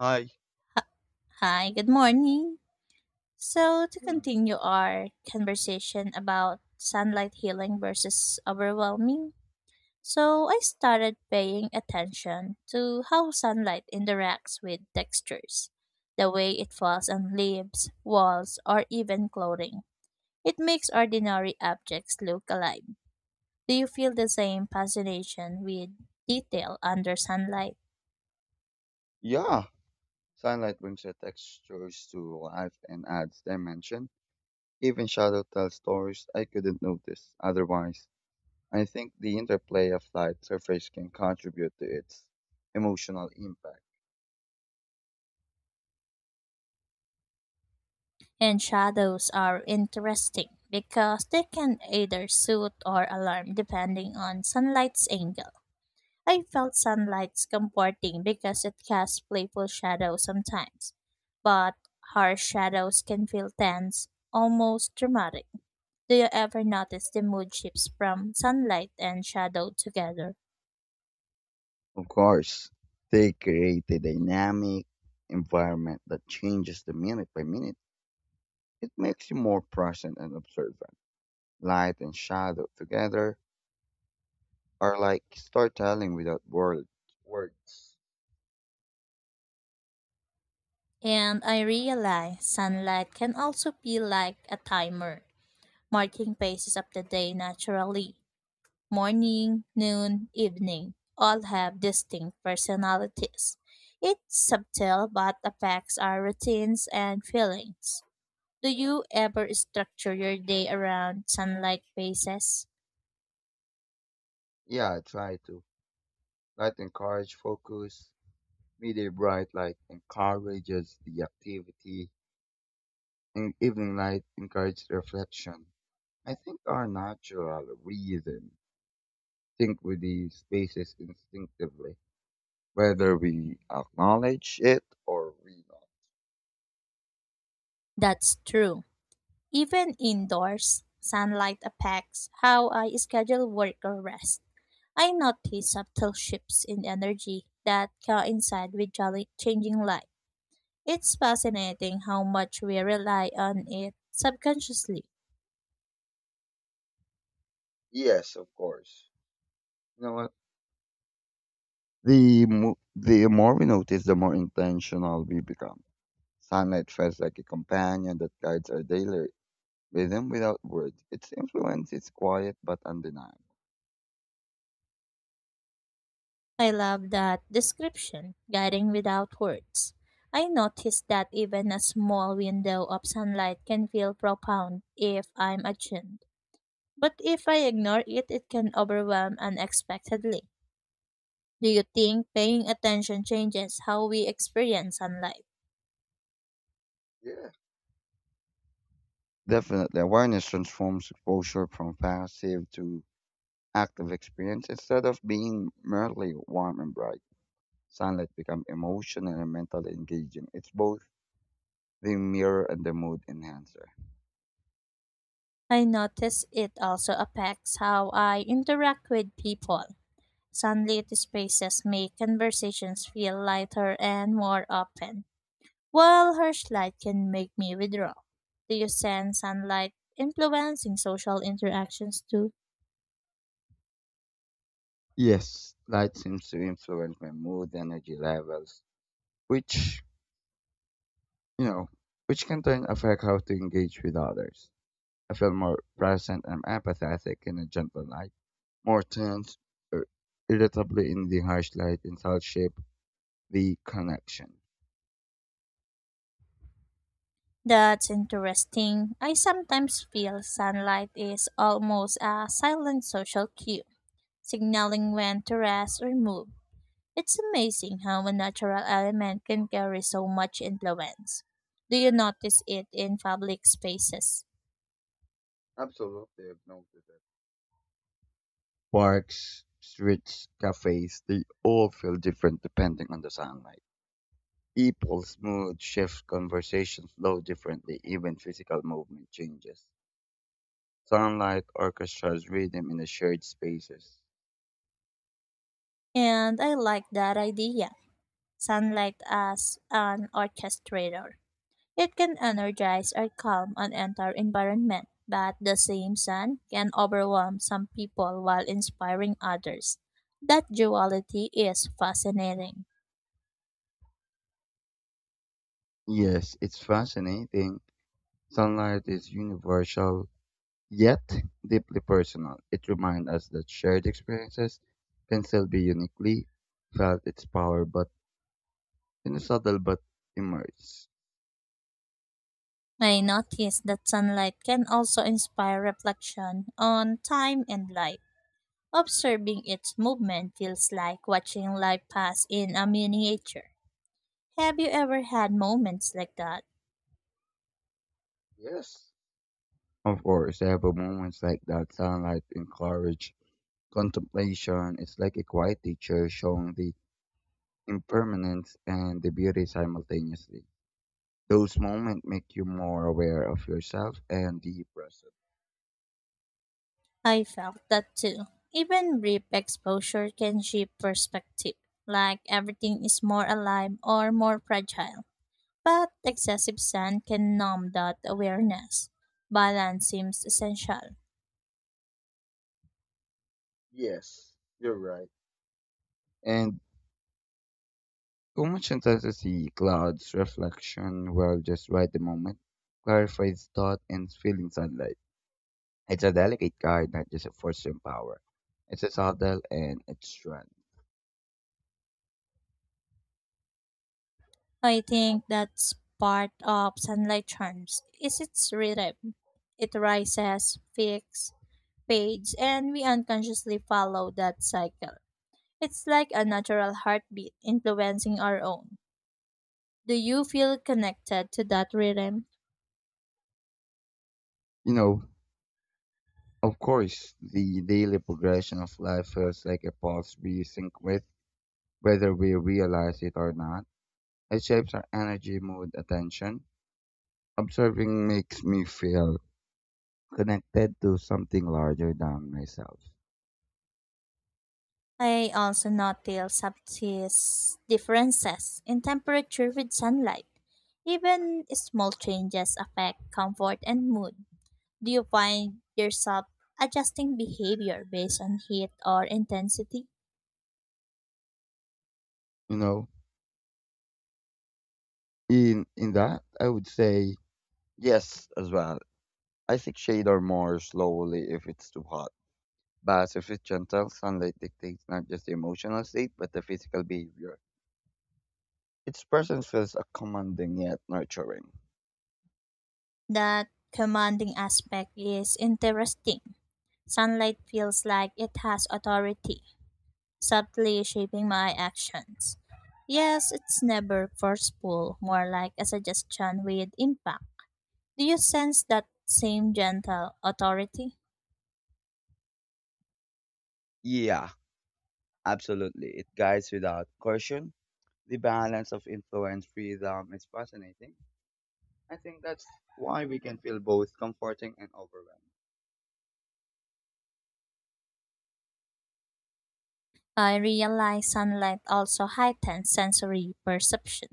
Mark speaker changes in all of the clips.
Speaker 1: Hi.
Speaker 2: Hi, good morning. So, to
Speaker 1: Mm.
Speaker 2: continue our conversation about sunlight healing versus overwhelming, so I started paying attention to how sunlight interacts with textures, the way it falls on leaves, walls, or even clothing. It makes ordinary objects look alive. Do you feel the same fascination with detail under sunlight?
Speaker 1: Yeah, sunlight brings the textures to life and adds dimension. Even shadow tells stories I couldn't notice otherwise. I think the interplay of light surface can contribute to its emotional impact.
Speaker 2: And shadows are interesting because they can either soothe or alarm depending on sunlight's angle. I felt sunlight's comforting because it casts playful shadows sometimes, but harsh shadows can feel tense, almost dramatic. Do you ever notice the mood shifts from sunlight and shadow together?
Speaker 1: Of course, they create a dynamic environment that changes the minute by minute. It makes you more present and observant. Light and shadow together are like storytelling without words. Words.
Speaker 2: And I realize sunlight can also be like a timer, marking phases of the day naturally. Morning, noon, evening all have distinct personalities. It's subtle but affects our routines and feelings. Do you ever structure your day around sunlight phases?
Speaker 1: Yeah, I try to. Light encourages focus. Midday bright light encourages the activity. And evening light encourages reflection. I think our natural reason think with these spaces instinctively, whether we acknowledge it or we not.
Speaker 2: That's true. Even indoors, sunlight affects how I schedule work or rest. I notice subtle shifts in energy that coincide with changing light. It's fascinating how much we rely on it subconsciously.
Speaker 1: Yes, of course. You know what? The more we notice, the more intentional we become. Sunlight feels like a companion that guides our daily rhythm without words. Its influence is quiet but undeniable.
Speaker 2: I love that description, guiding without words. I noticed that even a small window of sunlight can feel profound if I'm attuned. But if I ignore it, it can overwhelm unexpectedly. Do you think paying attention changes how we experience sunlight?
Speaker 1: Yeah. Definitely, awareness transforms exposure from passive to active experience. Instead of being merely warm and bright, sunlight becomes emotional and mentally engaging. It's both the mirror and the mood enhancer.
Speaker 2: I notice it also affects how I interact with people. Sunlit spaces make conversations feel lighter and more open. While harsh light can make me withdraw, do you sense sunlight influencing social interactions too?
Speaker 1: Yes, light seems to influence my mood, energy levels, which, you know, which can then affect how to engage with others. I feel more present and empathetic in a gentle light, more tense or irritably in the harsh light in such shape the connection.
Speaker 2: That's interesting. I sometimes feel sunlight is almost a silent social cue, signaling when to rest or move. It's amazing how a natural element can carry so much influence. Do you notice it in public spaces?
Speaker 1: Absolutely, I've noticed that. Parks, streets, cafes, they all feel different depending on the sunlight. People's mood shifts, conversations flow differently, even physical movement changes. Sunlight orchestras rhythm in the shared spaces.
Speaker 2: And I like that idea sunlight as an orchestrator. It can energize or calm an entire environment, but the same sun can overwhelm some people while inspiring others. That duality is fascinating.
Speaker 1: Yes, it's fascinating. Sunlight is universal, yet deeply personal. It reminds us that shared experiences can still be uniquely felt its power, but in a subtle but immerse.
Speaker 2: I noticed that sunlight can also inspire reflection on time and life. Observing its movement feels like watching life pass in a miniature. Have you ever had moments like that?
Speaker 1: Yes. Of course, I have a moments like that. Sunlight encourage contemplation. It's like a quiet teacher showing the impermanence and the beauty simultaneously. Those moments make you more aware of yourself and the present.
Speaker 2: I felt that too. Even brief exposure can shift perspective, like everything is more alive or more fragile. But excessive sun can numb that awareness. Balance seems essential.
Speaker 1: Yes. You're right. And too much intensity, clouds, reflection, well, just right the moment, clarifies thought and feeling sunlight. It's a delicate guide, not just a force and power. It's a subtle and it's strength.
Speaker 2: I think that's part of sunlight charms. Is its rhythm? It rises, peaks, fades, and we unconsciously follow that cycle. It's like a natural heartbeat influencing our own. Do you feel connected to that rhythm?
Speaker 1: You know, of course, the daily progression of life feels like a pulse we sync with, whether we realize it or not. It shapes our energy, mood, attention. Observing makes me feel connected to something larger than myself.
Speaker 2: I also notice subtle differences in temperature with sunlight. Even small changes affect comfort and mood. Do you find yourself adjusting behavior based on heat or intensity?
Speaker 1: You know, in that, I would say yes as well. I think shade or more slowly if it's too hot. By surface gentle, sunlight dictates not just the emotional state, but the physical behavior. Its presence feels a commanding yet nurturing.
Speaker 2: That commanding aspect is interesting. Sunlight feels like it has authority, subtly shaping my actions. Yes, it's never forceful, more like a suggestion with impact. Do you sense that same gentle authority?
Speaker 1: Yeah, absolutely. It guides without caution. The balance of influence freedom is fascinating. I think that's why we can feel both comforting and overwhelmed.
Speaker 2: I realize sunlight also heightens sensory perception.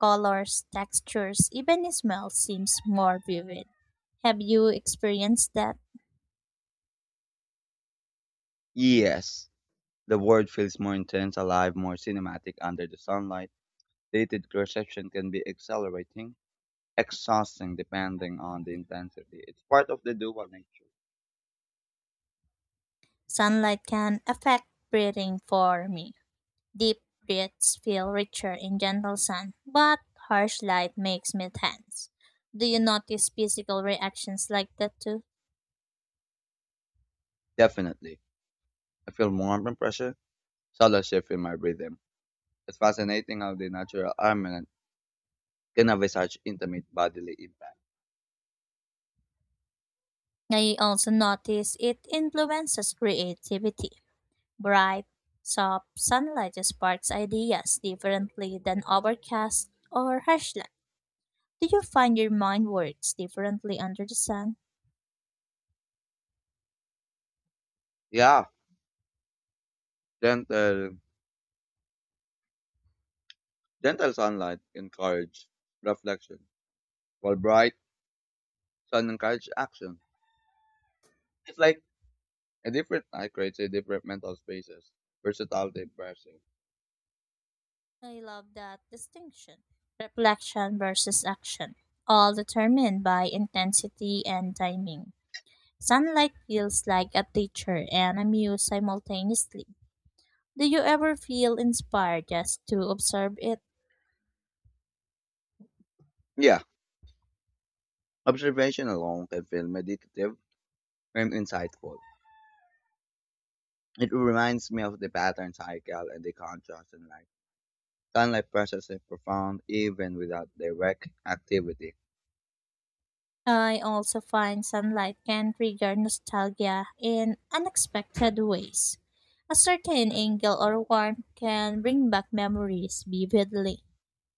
Speaker 2: Colors, textures, even smell seems more vivid. Have you experienced that?
Speaker 1: Yes, the world feels more intense, alive, more cinematic under the sunlight. Dated perception can be accelerating, exhausting depending on the intensity. It's part of the dual nature.
Speaker 2: Sunlight can affect breathing for me. Deep breaths feel richer in gentle sun, but harsh light makes me tense. Do you notice physical reactions like that too?
Speaker 1: Definitely. I feel warmth and pressure, subtle shift in my breathing. It's fascinating how the natural armament can have such intimate bodily impact.
Speaker 2: I also notice it influences creativity. Bright, soft sunlight sparks ideas differently than overcast or harsh light. Do you find your mind works differently under the sun?
Speaker 1: Yeah, gentle, gentle sunlight encourages reflection, while bright sun encourages action. It's like a different night creates a different mental spaces, versatility embracing.
Speaker 2: I love that distinction. Reflection versus action, all determined by intensity and timing. Sunlight feels like a teacher and a muse simultaneously. Do you ever feel inspired just to observe it?
Speaker 1: Yeah, observation alone can feel meditative and insightful. It reminds me of the pattern cycle and the contrast in life. Sunlight process is profound even without direct activity.
Speaker 2: I also find sunlight can trigger nostalgia in unexpected ways. A certain angle or warmth can bring back memories vividly.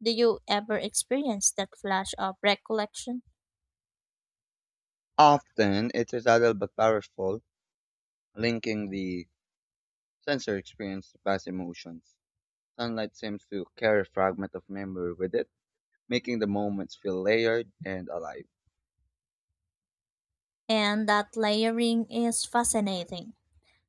Speaker 2: Do you ever experience that flash of recollection?
Speaker 1: Often, it is subtle but powerful, linking the sensory experience to past emotions. Sunlight seems to carry a fragment of memory with it, making the moments feel layered and alive.
Speaker 2: And that layering is fascinating.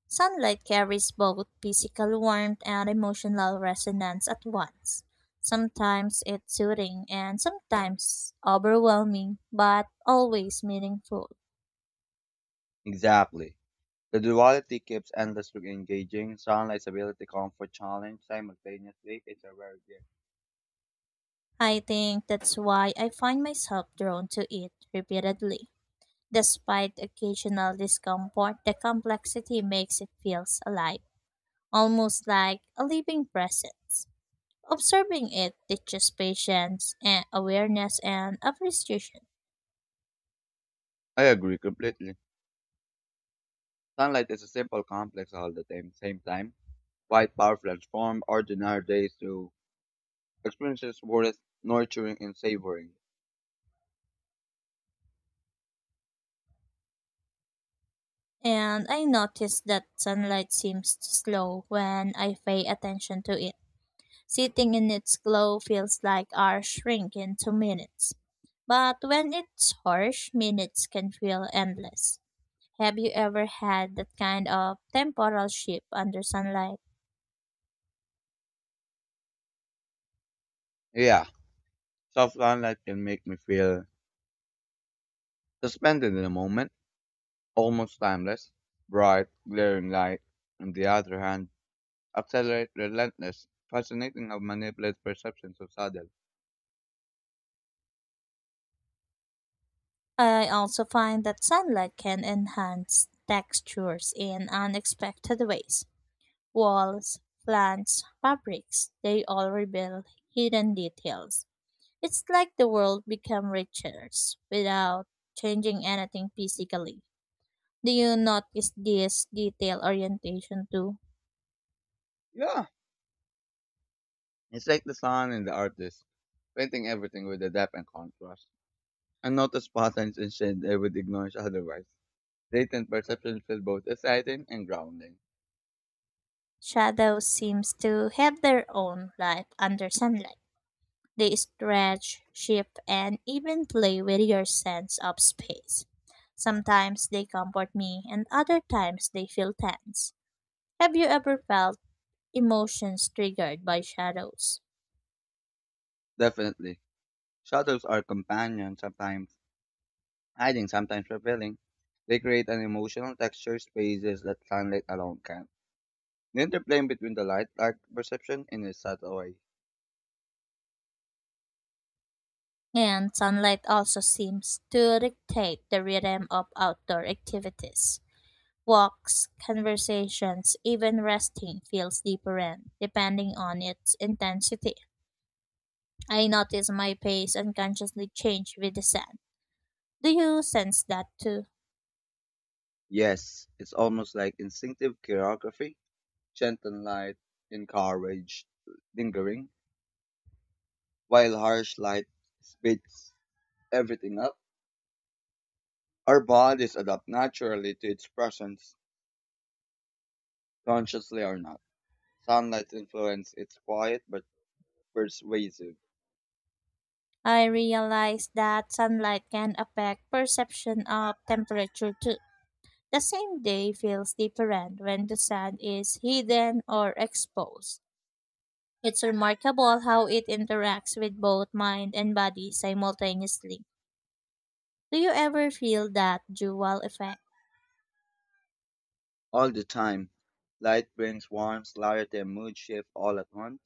Speaker 2: Sunlight carries both physical warmth and emotional resonance at once. Sometimes it's soothing and sometimes overwhelming, but always meaningful.
Speaker 1: Exactly. The duality keeps endlessly engaging. Sunlight's ability to comfort challenge simultaneously is a rare gift.
Speaker 2: I think that's why I find myself drawn to it repeatedly. Despite occasional discomfort, the complexity makes it feels alive, almost like a living presence. Observing it teaches patience and awareness and appreciation.
Speaker 1: I agree completely. Sunlight is a simple complex all the time, same time, quite powerful and transform ordinary days to experiences worth nurturing and savoring.
Speaker 2: And I notice that sunlight seems to slow when I pay attention to it. Sitting in its glow feels like hours shrink into minutes. But when it's harsh, minutes can feel endless. Have you ever had that kind of temporal shift under sunlight?
Speaker 1: Yeah, soft sunlight can make me feel suspended in a moment, almost timeless, bright, glaring light. On the other hand, accelerate relentless, fascinating how manipulates perceptions so subtle.
Speaker 2: I also find that sunlight can enhance textures in unexpected ways. Walls, plants, fabrics, they all reveal hidden details. It's like the world become richer without changing anything physically. Do you notice this detail orientation too?
Speaker 1: Yeah, it's like the sun and the artist, painting everything with the depth and contrast. And notice patterns and shade they would ignore otherwise. Latent perceptions feel both exciting and grounding.
Speaker 2: Shadows seems to have their own life under sunlight. They stretch, shift, and even play with your sense of space. Sometimes they comfort me, and other times they feel tense. Have you ever felt emotions triggered by shadows?
Speaker 1: Definitely. Shadows are companions sometimes hiding, sometimes revealing. They create an emotional texture spaces that sunlight alone can't. The interplay between the light, dark perception in a subtle way.
Speaker 2: And sunlight also seems to dictate the rhythm of outdoor activities. Walks, conversations, even resting feels different depending on its intensity. I notice my pace unconsciously change with the sun. Do you sense that too?
Speaker 1: Yes, it's almost like instinctive choreography, gentle light encourage lingering, while harsh light speeds everything up. Our bodies adapt naturally to its presence, consciously or not. Sunlight influence it's quiet but persuasive
Speaker 2: I realize that sunlight can affect perception of temperature too. The same day feels different when the sun is hidden or exposed. It's remarkable how it interacts with both mind and body simultaneously. Do you ever feel that dual effect?
Speaker 1: all the time. Light brings warmth, light and mood shift all at once.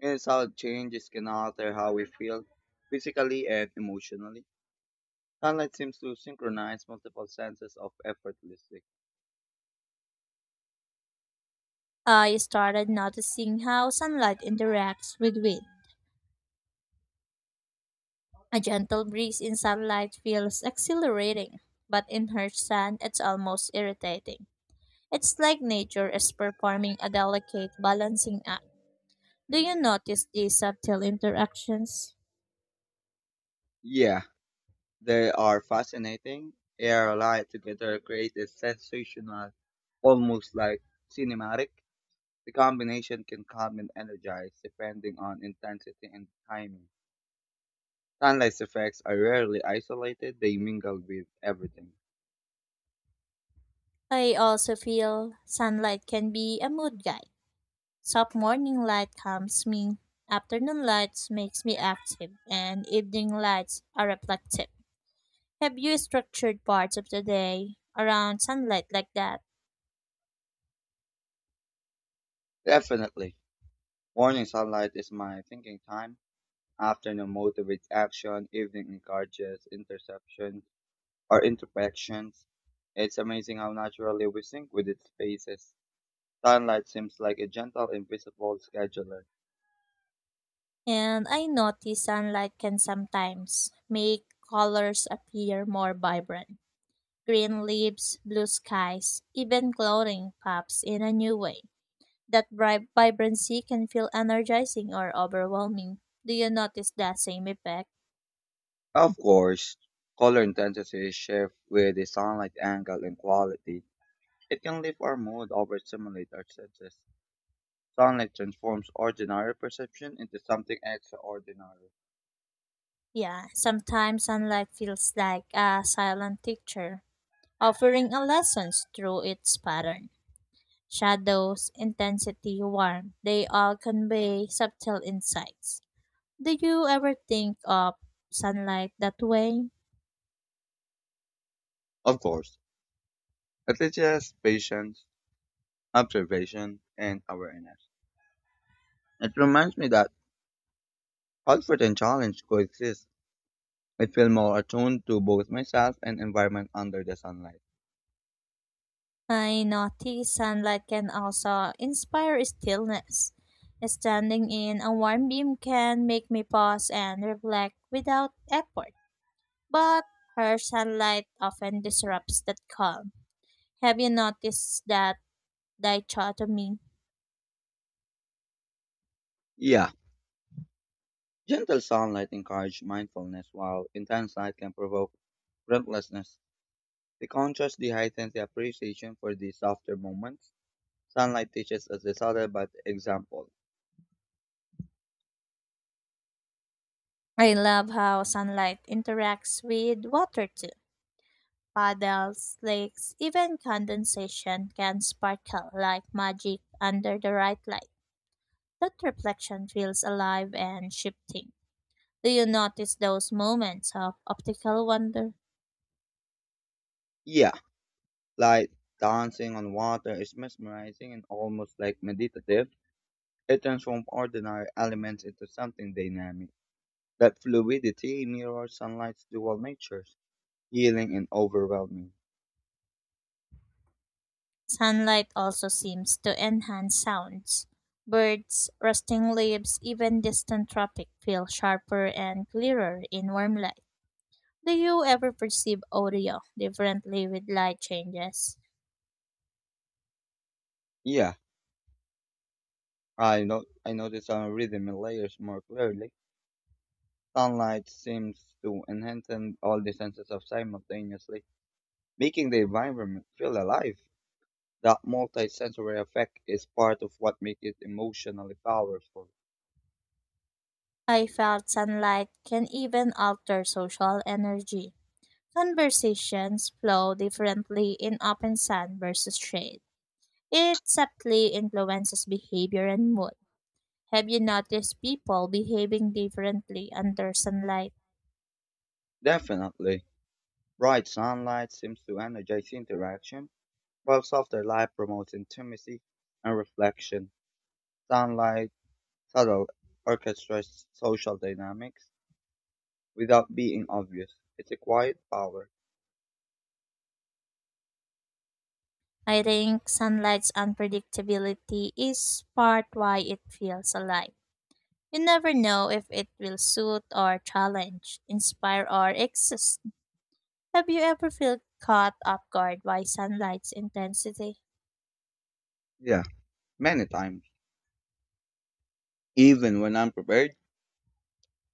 Speaker 1: And it's how changes can alter how we feel physically and emotionally. Sunlight seems to synchronize multiple senses of effortlessly.
Speaker 2: I started noticing how sunlight interacts with wind. A gentle breeze in sunlight feels exhilarating, but in her sand, it's almost irritating. It's like nature is performing a delicate balancing act. Do you notice these subtle interactions?
Speaker 1: Yeah, they are fascinating. Air and light together create a sensational, almost like cinematic. The combination can calm and energize depending on intensity and timing. Sunlight's effects are rarely isolated, they mingle with everything.
Speaker 2: I also feel sunlight can be a mood guide. Soft morning light calms me, afternoon lights makes me active, and evening lights are reflective. Have you structured parts of the day around sunlight like that?
Speaker 1: Definitely. Morning sunlight is my thinking time. Afternoon motivates action. Evening encourages interception or introspections. It's amazing how naturally we sync with its spaces. Sunlight seems like a gentle, invisible scheduler.
Speaker 2: And I notice sunlight can sometimes make colors appear more vibrant. Green leaves, blue skies, even clothing pops in a new way. That bright vibrancy can feel energizing or overwhelming. Do you notice that same effect?
Speaker 1: Of course, color intensity shifts with the sunlight angle and quality. It can lift our mood or stimulate our senses. Sunlight transforms ordinary perception into something extraordinary.
Speaker 2: Yeah, sometimes sunlight feels like a silent teacher, offering a lesson through its pattern. Shadows, intensity, warmth, they all convey subtle insights. Do you ever think of sunlight that way?
Speaker 1: Of course, it teaches patience observation, and awareness. It reminds me that comfort and challenge coexist. I feel more attuned to both myself and environment under the sunlight.
Speaker 2: I notice sunlight can also inspire stillness. Standing in a warm beam can make me pause and reflect without effort, but harsh sunlight often disrupts that calm. Have you noticed that dichotomy?
Speaker 1: Yeah, gentle sunlight encourages mindfulness, while intense light can provoke restlessness. The contrast de heightens the appreciation for the softer moments. Sunlight teaches us the subtle but example.
Speaker 2: I love how sunlight interacts with water too, puddles, lakes, even condensation can sparkle like magic under the right light. That reflection feels alive and shifting. Do you notice those moments of optical wonder?
Speaker 1: Yeah, light dancing on water is mesmerizing and almost like meditative. It transforms ordinary elements into something dynamic. That fluidity mirrors sunlight's dual natures, healing and overwhelming.
Speaker 2: Sunlight also seems to enhance sounds. Birds, rusting leaves, even distant traffic feel sharper and clearer in warm light. Do you ever perceive audio differently with light changes?
Speaker 1: Yeah, I know I notice our rhythm and layers more clearly. Sunlight seems to enhance all the senses of simultaneously, making the environment feel alive. That multisensory effect is part of what makes it emotionally powerful.
Speaker 2: I felt sunlight can even alter social energy. Conversations flow differently in open sun versus shade. It subtly influences behavior and mood. Have you noticed people behaving differently under sunlight?
Speaker 1: Definitely. Bright sunlight seems to energize interaction, while softer light promotes intimacy and reflection. Sunlight Sadov orchestrates social dynamics without being obvious. It's a quiet power.
Speaker 2: I think sunlight's unpredictability is part why it feels alive. You never know if it will suit or challenge, inspire or exist. Have you ever felt caught off guard by sunlight's intensity?
Speaker 1: Yeah, many times. Even when unprepared,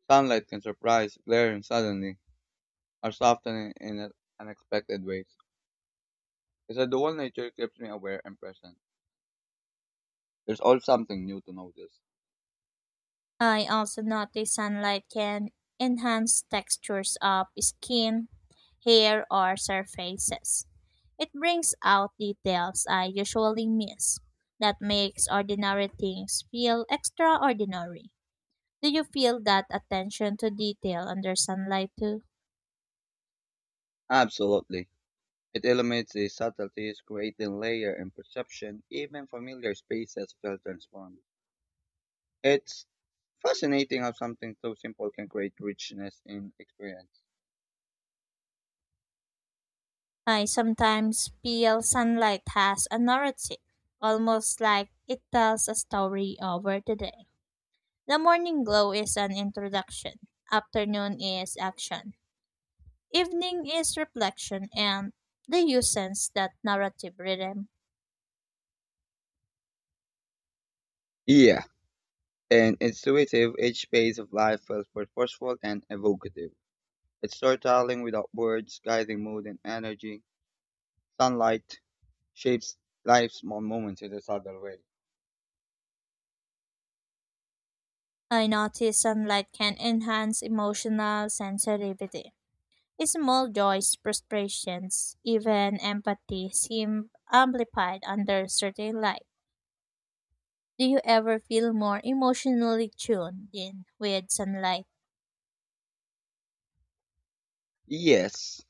Speaker 1: sunlight can surprise, glaring suddenly, or soften in unexpected ways. It's a dual nature keeps me aware and present. There's always something new to notice.
Speaker 2: I also notice sunlight can enhance textures of skin, hair, or surfaces. It brings out details I usually miss that makes ordinary things feel extraordinary. Do you feel that attention to detail under sunlight too?
Speaker 1: Absolutely. It illuminates the subtleties, creating layer and perception. Even familiar spaces feel transformed. It's fascinating how something so simple can create richness in experience.
Speaker 2: I sometimes feel sunlight has a narrative, almost like it tells a story over the day. The morning glow is an introduction, afternoon is action, evening is reflection, and the you sense that narrative rhythm.
Speaker 1: Yeah, an intuitive, each phase of life felt purposeful and evocative. It's storytelling without words, guiding mood and energy. Sunlight shapes life's small moments in a subtle way.
Speaker 2: I notice sunlight can enhance emotional sensitivity. Small joys, frustrations, even empathy seem amplified under certain light. Do you ever feel more emotionally tuned in with sunlight?
Speaker 1: Yes,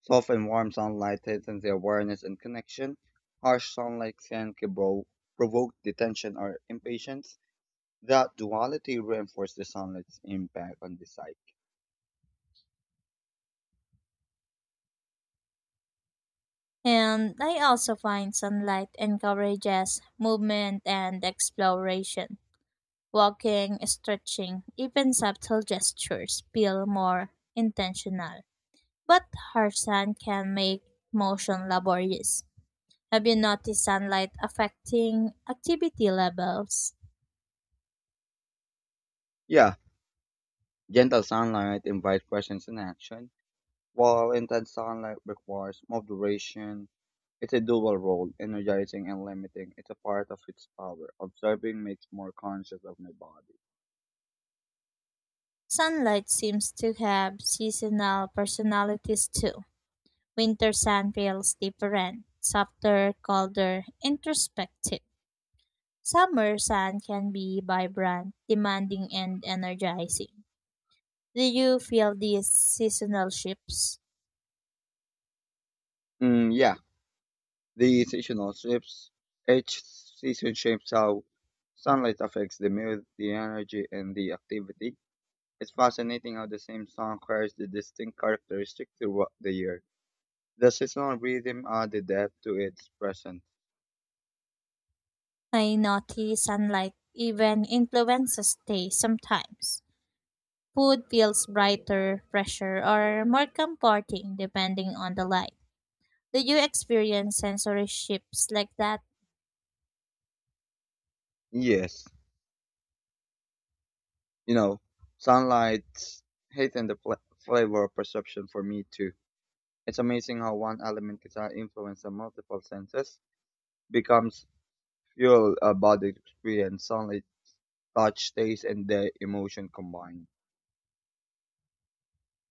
Speaker 1: soft and warm sunlight tightens the awareness and connection. Harsh sunlight can provoke detention or impatience. That duality reinforces the sunlight's impact on the psyche.
Speaker 2: And I also find sunlight encourages movement and exploration. Walking, stretching, even subtle gestures feel more intentional. But harsh sun can make motion laborious. Have you noticed sunlight affecting activity levels?
Speaker 1: Yeah, gentle sunlight invites questions and action. While intense sunlight requires moderation, it's a dual role, energizing and limiting. It's a part of its power. Observing makes more conscious of my body.
Speaker 2: Sunlight seems to have seasonal personalities too. Winter sun feels different, softer, colder, introspective. Summer sun can be vibrant, demanding, and energizing. Do you feel these seasonal shifts?
Speaker 1: Mm, yeah, the seasonal shifts. Each season shapes how sunlight affects the mood, the energy, and the activity. It's fascinating how the same song carries the distinct characteristic throughout the year. The seasonal rhythm adds depth to its presence.
Speaker 2: I notice sunlight even influences taste sometimes. Food feels brighter, fresher, or more comforting depending on the light. Do you experience sensory shifts like that?
Speaker 1: Yes. you know, sunlight, heat, and the flavor perception for me too. It's amazing how one element can influence the multiple senses, becomes fuel a body experience, sunlight, touch, taste, and the emotion combined.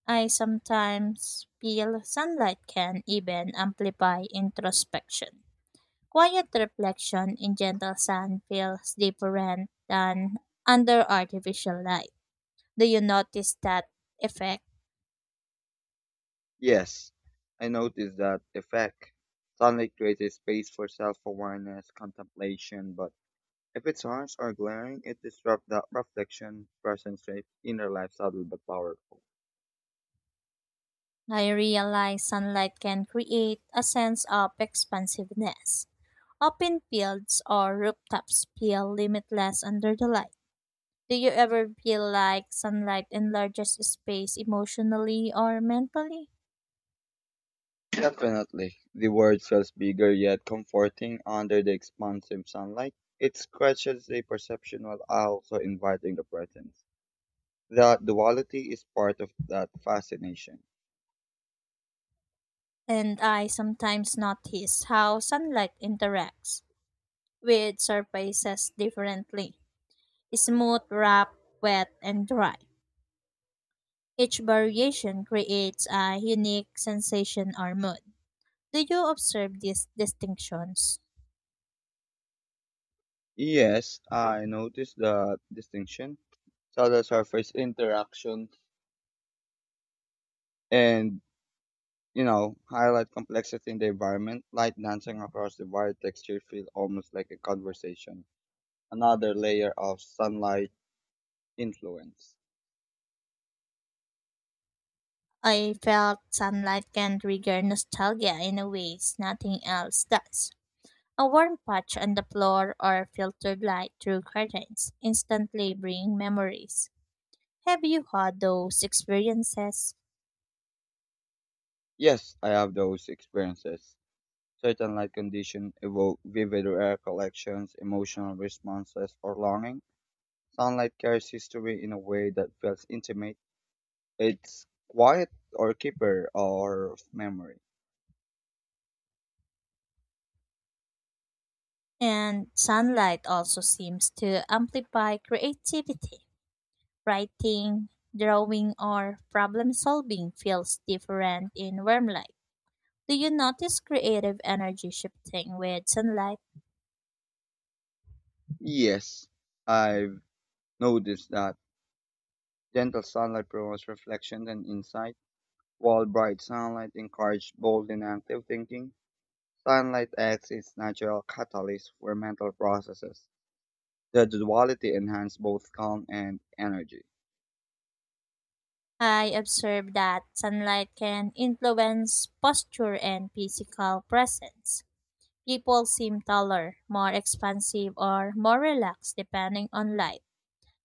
Speaker 2: I sometimes feel sunlight can even amplify introspection. Quiet reflection in gentle sun feels deeper rent than under artificial light. Do you notice that effect?
Speaker 1: Yes, I noticed that effect. Sunlight creates a space for self-awareness, contemplation, but if it's harsh or glaring, it disrupts that reflection, presence shapes inner life subtle but powerful.
Speaker 2: I realize sunlight can create a sense of expansiveness. Open fields or rooftops feel limitless under the light. Do you ever feel like sunlight enlarges space emotionally or mentally?
Speaker 1: Definitely. The word feels bigger yet comforting under the expansive sunlight. It scratches the perception while also inviting the presence. That duality is part of that fascination.
Speaker 2: And I sometimes notice how sunlight interacts with surfaces differently. Smooth, rough, wet, and dry. Each variation creates a unique sensation or mood. Do you observe these distinctions?
Speaker 1: Yes, I noticed the distinction. Subtle surface interaction and highlight complexity in the environment, light dancing across the wide texture feel almost like a conversation. Another layer of sunlight influence.
Speaker 2: I felt sunlight can trigger nostalgia in a ways nothing else does. A warm patch on the floor or filtered light through curtains instantly bring memories. Have you had those experiences?
Speaker 1: Yes, I have those experiences. Certain light conditions evoke vivid recollections, emotional responses, or longing. Sunlight carries history in a way that feels intimate. It's quiet or keeper or of memory.
Speaker 2: And sunlight also seems to amplify creativity. Writing, drawing, or problem solving feels different in warm light. Do you notice creative energy shifting with sunlight?
Speaker 1: Yes, I've noticed that gentle sunlight promotes reflection and insight, while bright sunlight encourages bold and active thinking. Sunlight acts as natural catalyst for mental processes. The duality enhances both calm and energy.
Speaker 2: I observe that sunlight can influence posture and physical presence. People seem taller, more expansive, or more relaxed depending on light.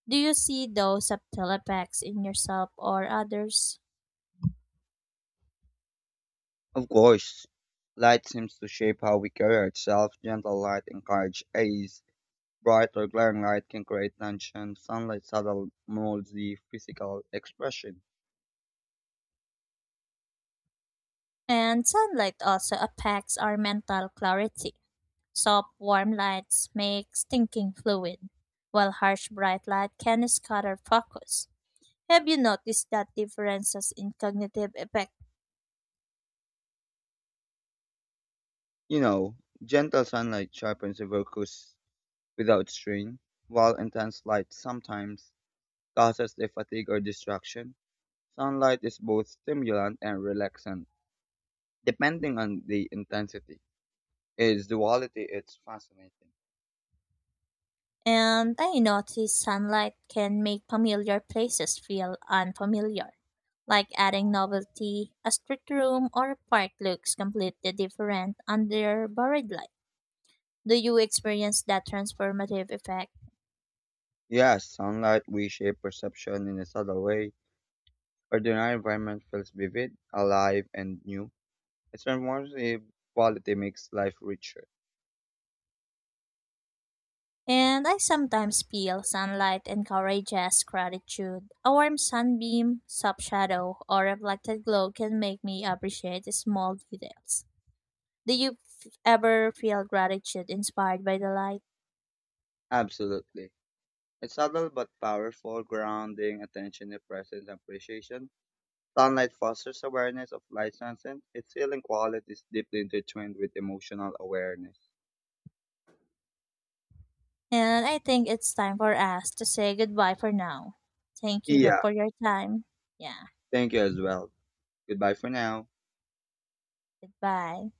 Speaker 2: Do you see those subtle effects in yourself or others?
Speaker 1: Of course, light seems to shape how we carry ourselves. Gentle light encourages ease. Bright or glaring light can create tension. Sunlight subtle molds the physical expression.
Speaker 2: And sunlight also affects our mental clarity. Soft, warm lights makes thinking fluid, while harsh, bright light can scatter focus. Have you noticed that differences in cognitive effect?
Speaker 1: You know, Gentle sunlight sharpens the focus without strain, while intense light sometimes causes the fatigue or distraction. Sunlight is both stimulant and relaxant, depending on the intensity. Its duality is fascinating.
Speaker 2: And I notice sunlight can make familiar places feel unfamiliar, like adding novelty. A street room or a park looks completely different under borrowed light. Do you experience that transformative effect?
Speaker 1: Yes, sunlight we perception in a subtle way. Ordinary environment feels vivid, alive, and new. Its transformative quality makes life richer.
Speaker 2: And I sometimes feel sunlight encourages gratitude. A warm sunbeam, soft shadow, or reflected glow can make me appreciate the small details. Do you ever feel gratitude inspired by the light?
Speaker 1: Absolutely. It's subtle but powerful, grounding, attention to presence, and appreciation. Sunlight fosters awareness of light sense. Its healing quality is deeply intertwined with emotional awareness.
Speaker 2: And I think it's time for us to say goodbye for now. Thank you
Speaker 1: Yeah,
Speaker 2: for your time. Yeah,
Speaker 1: thank you as well. Goodbye for now.
Speaker 2: goodbye.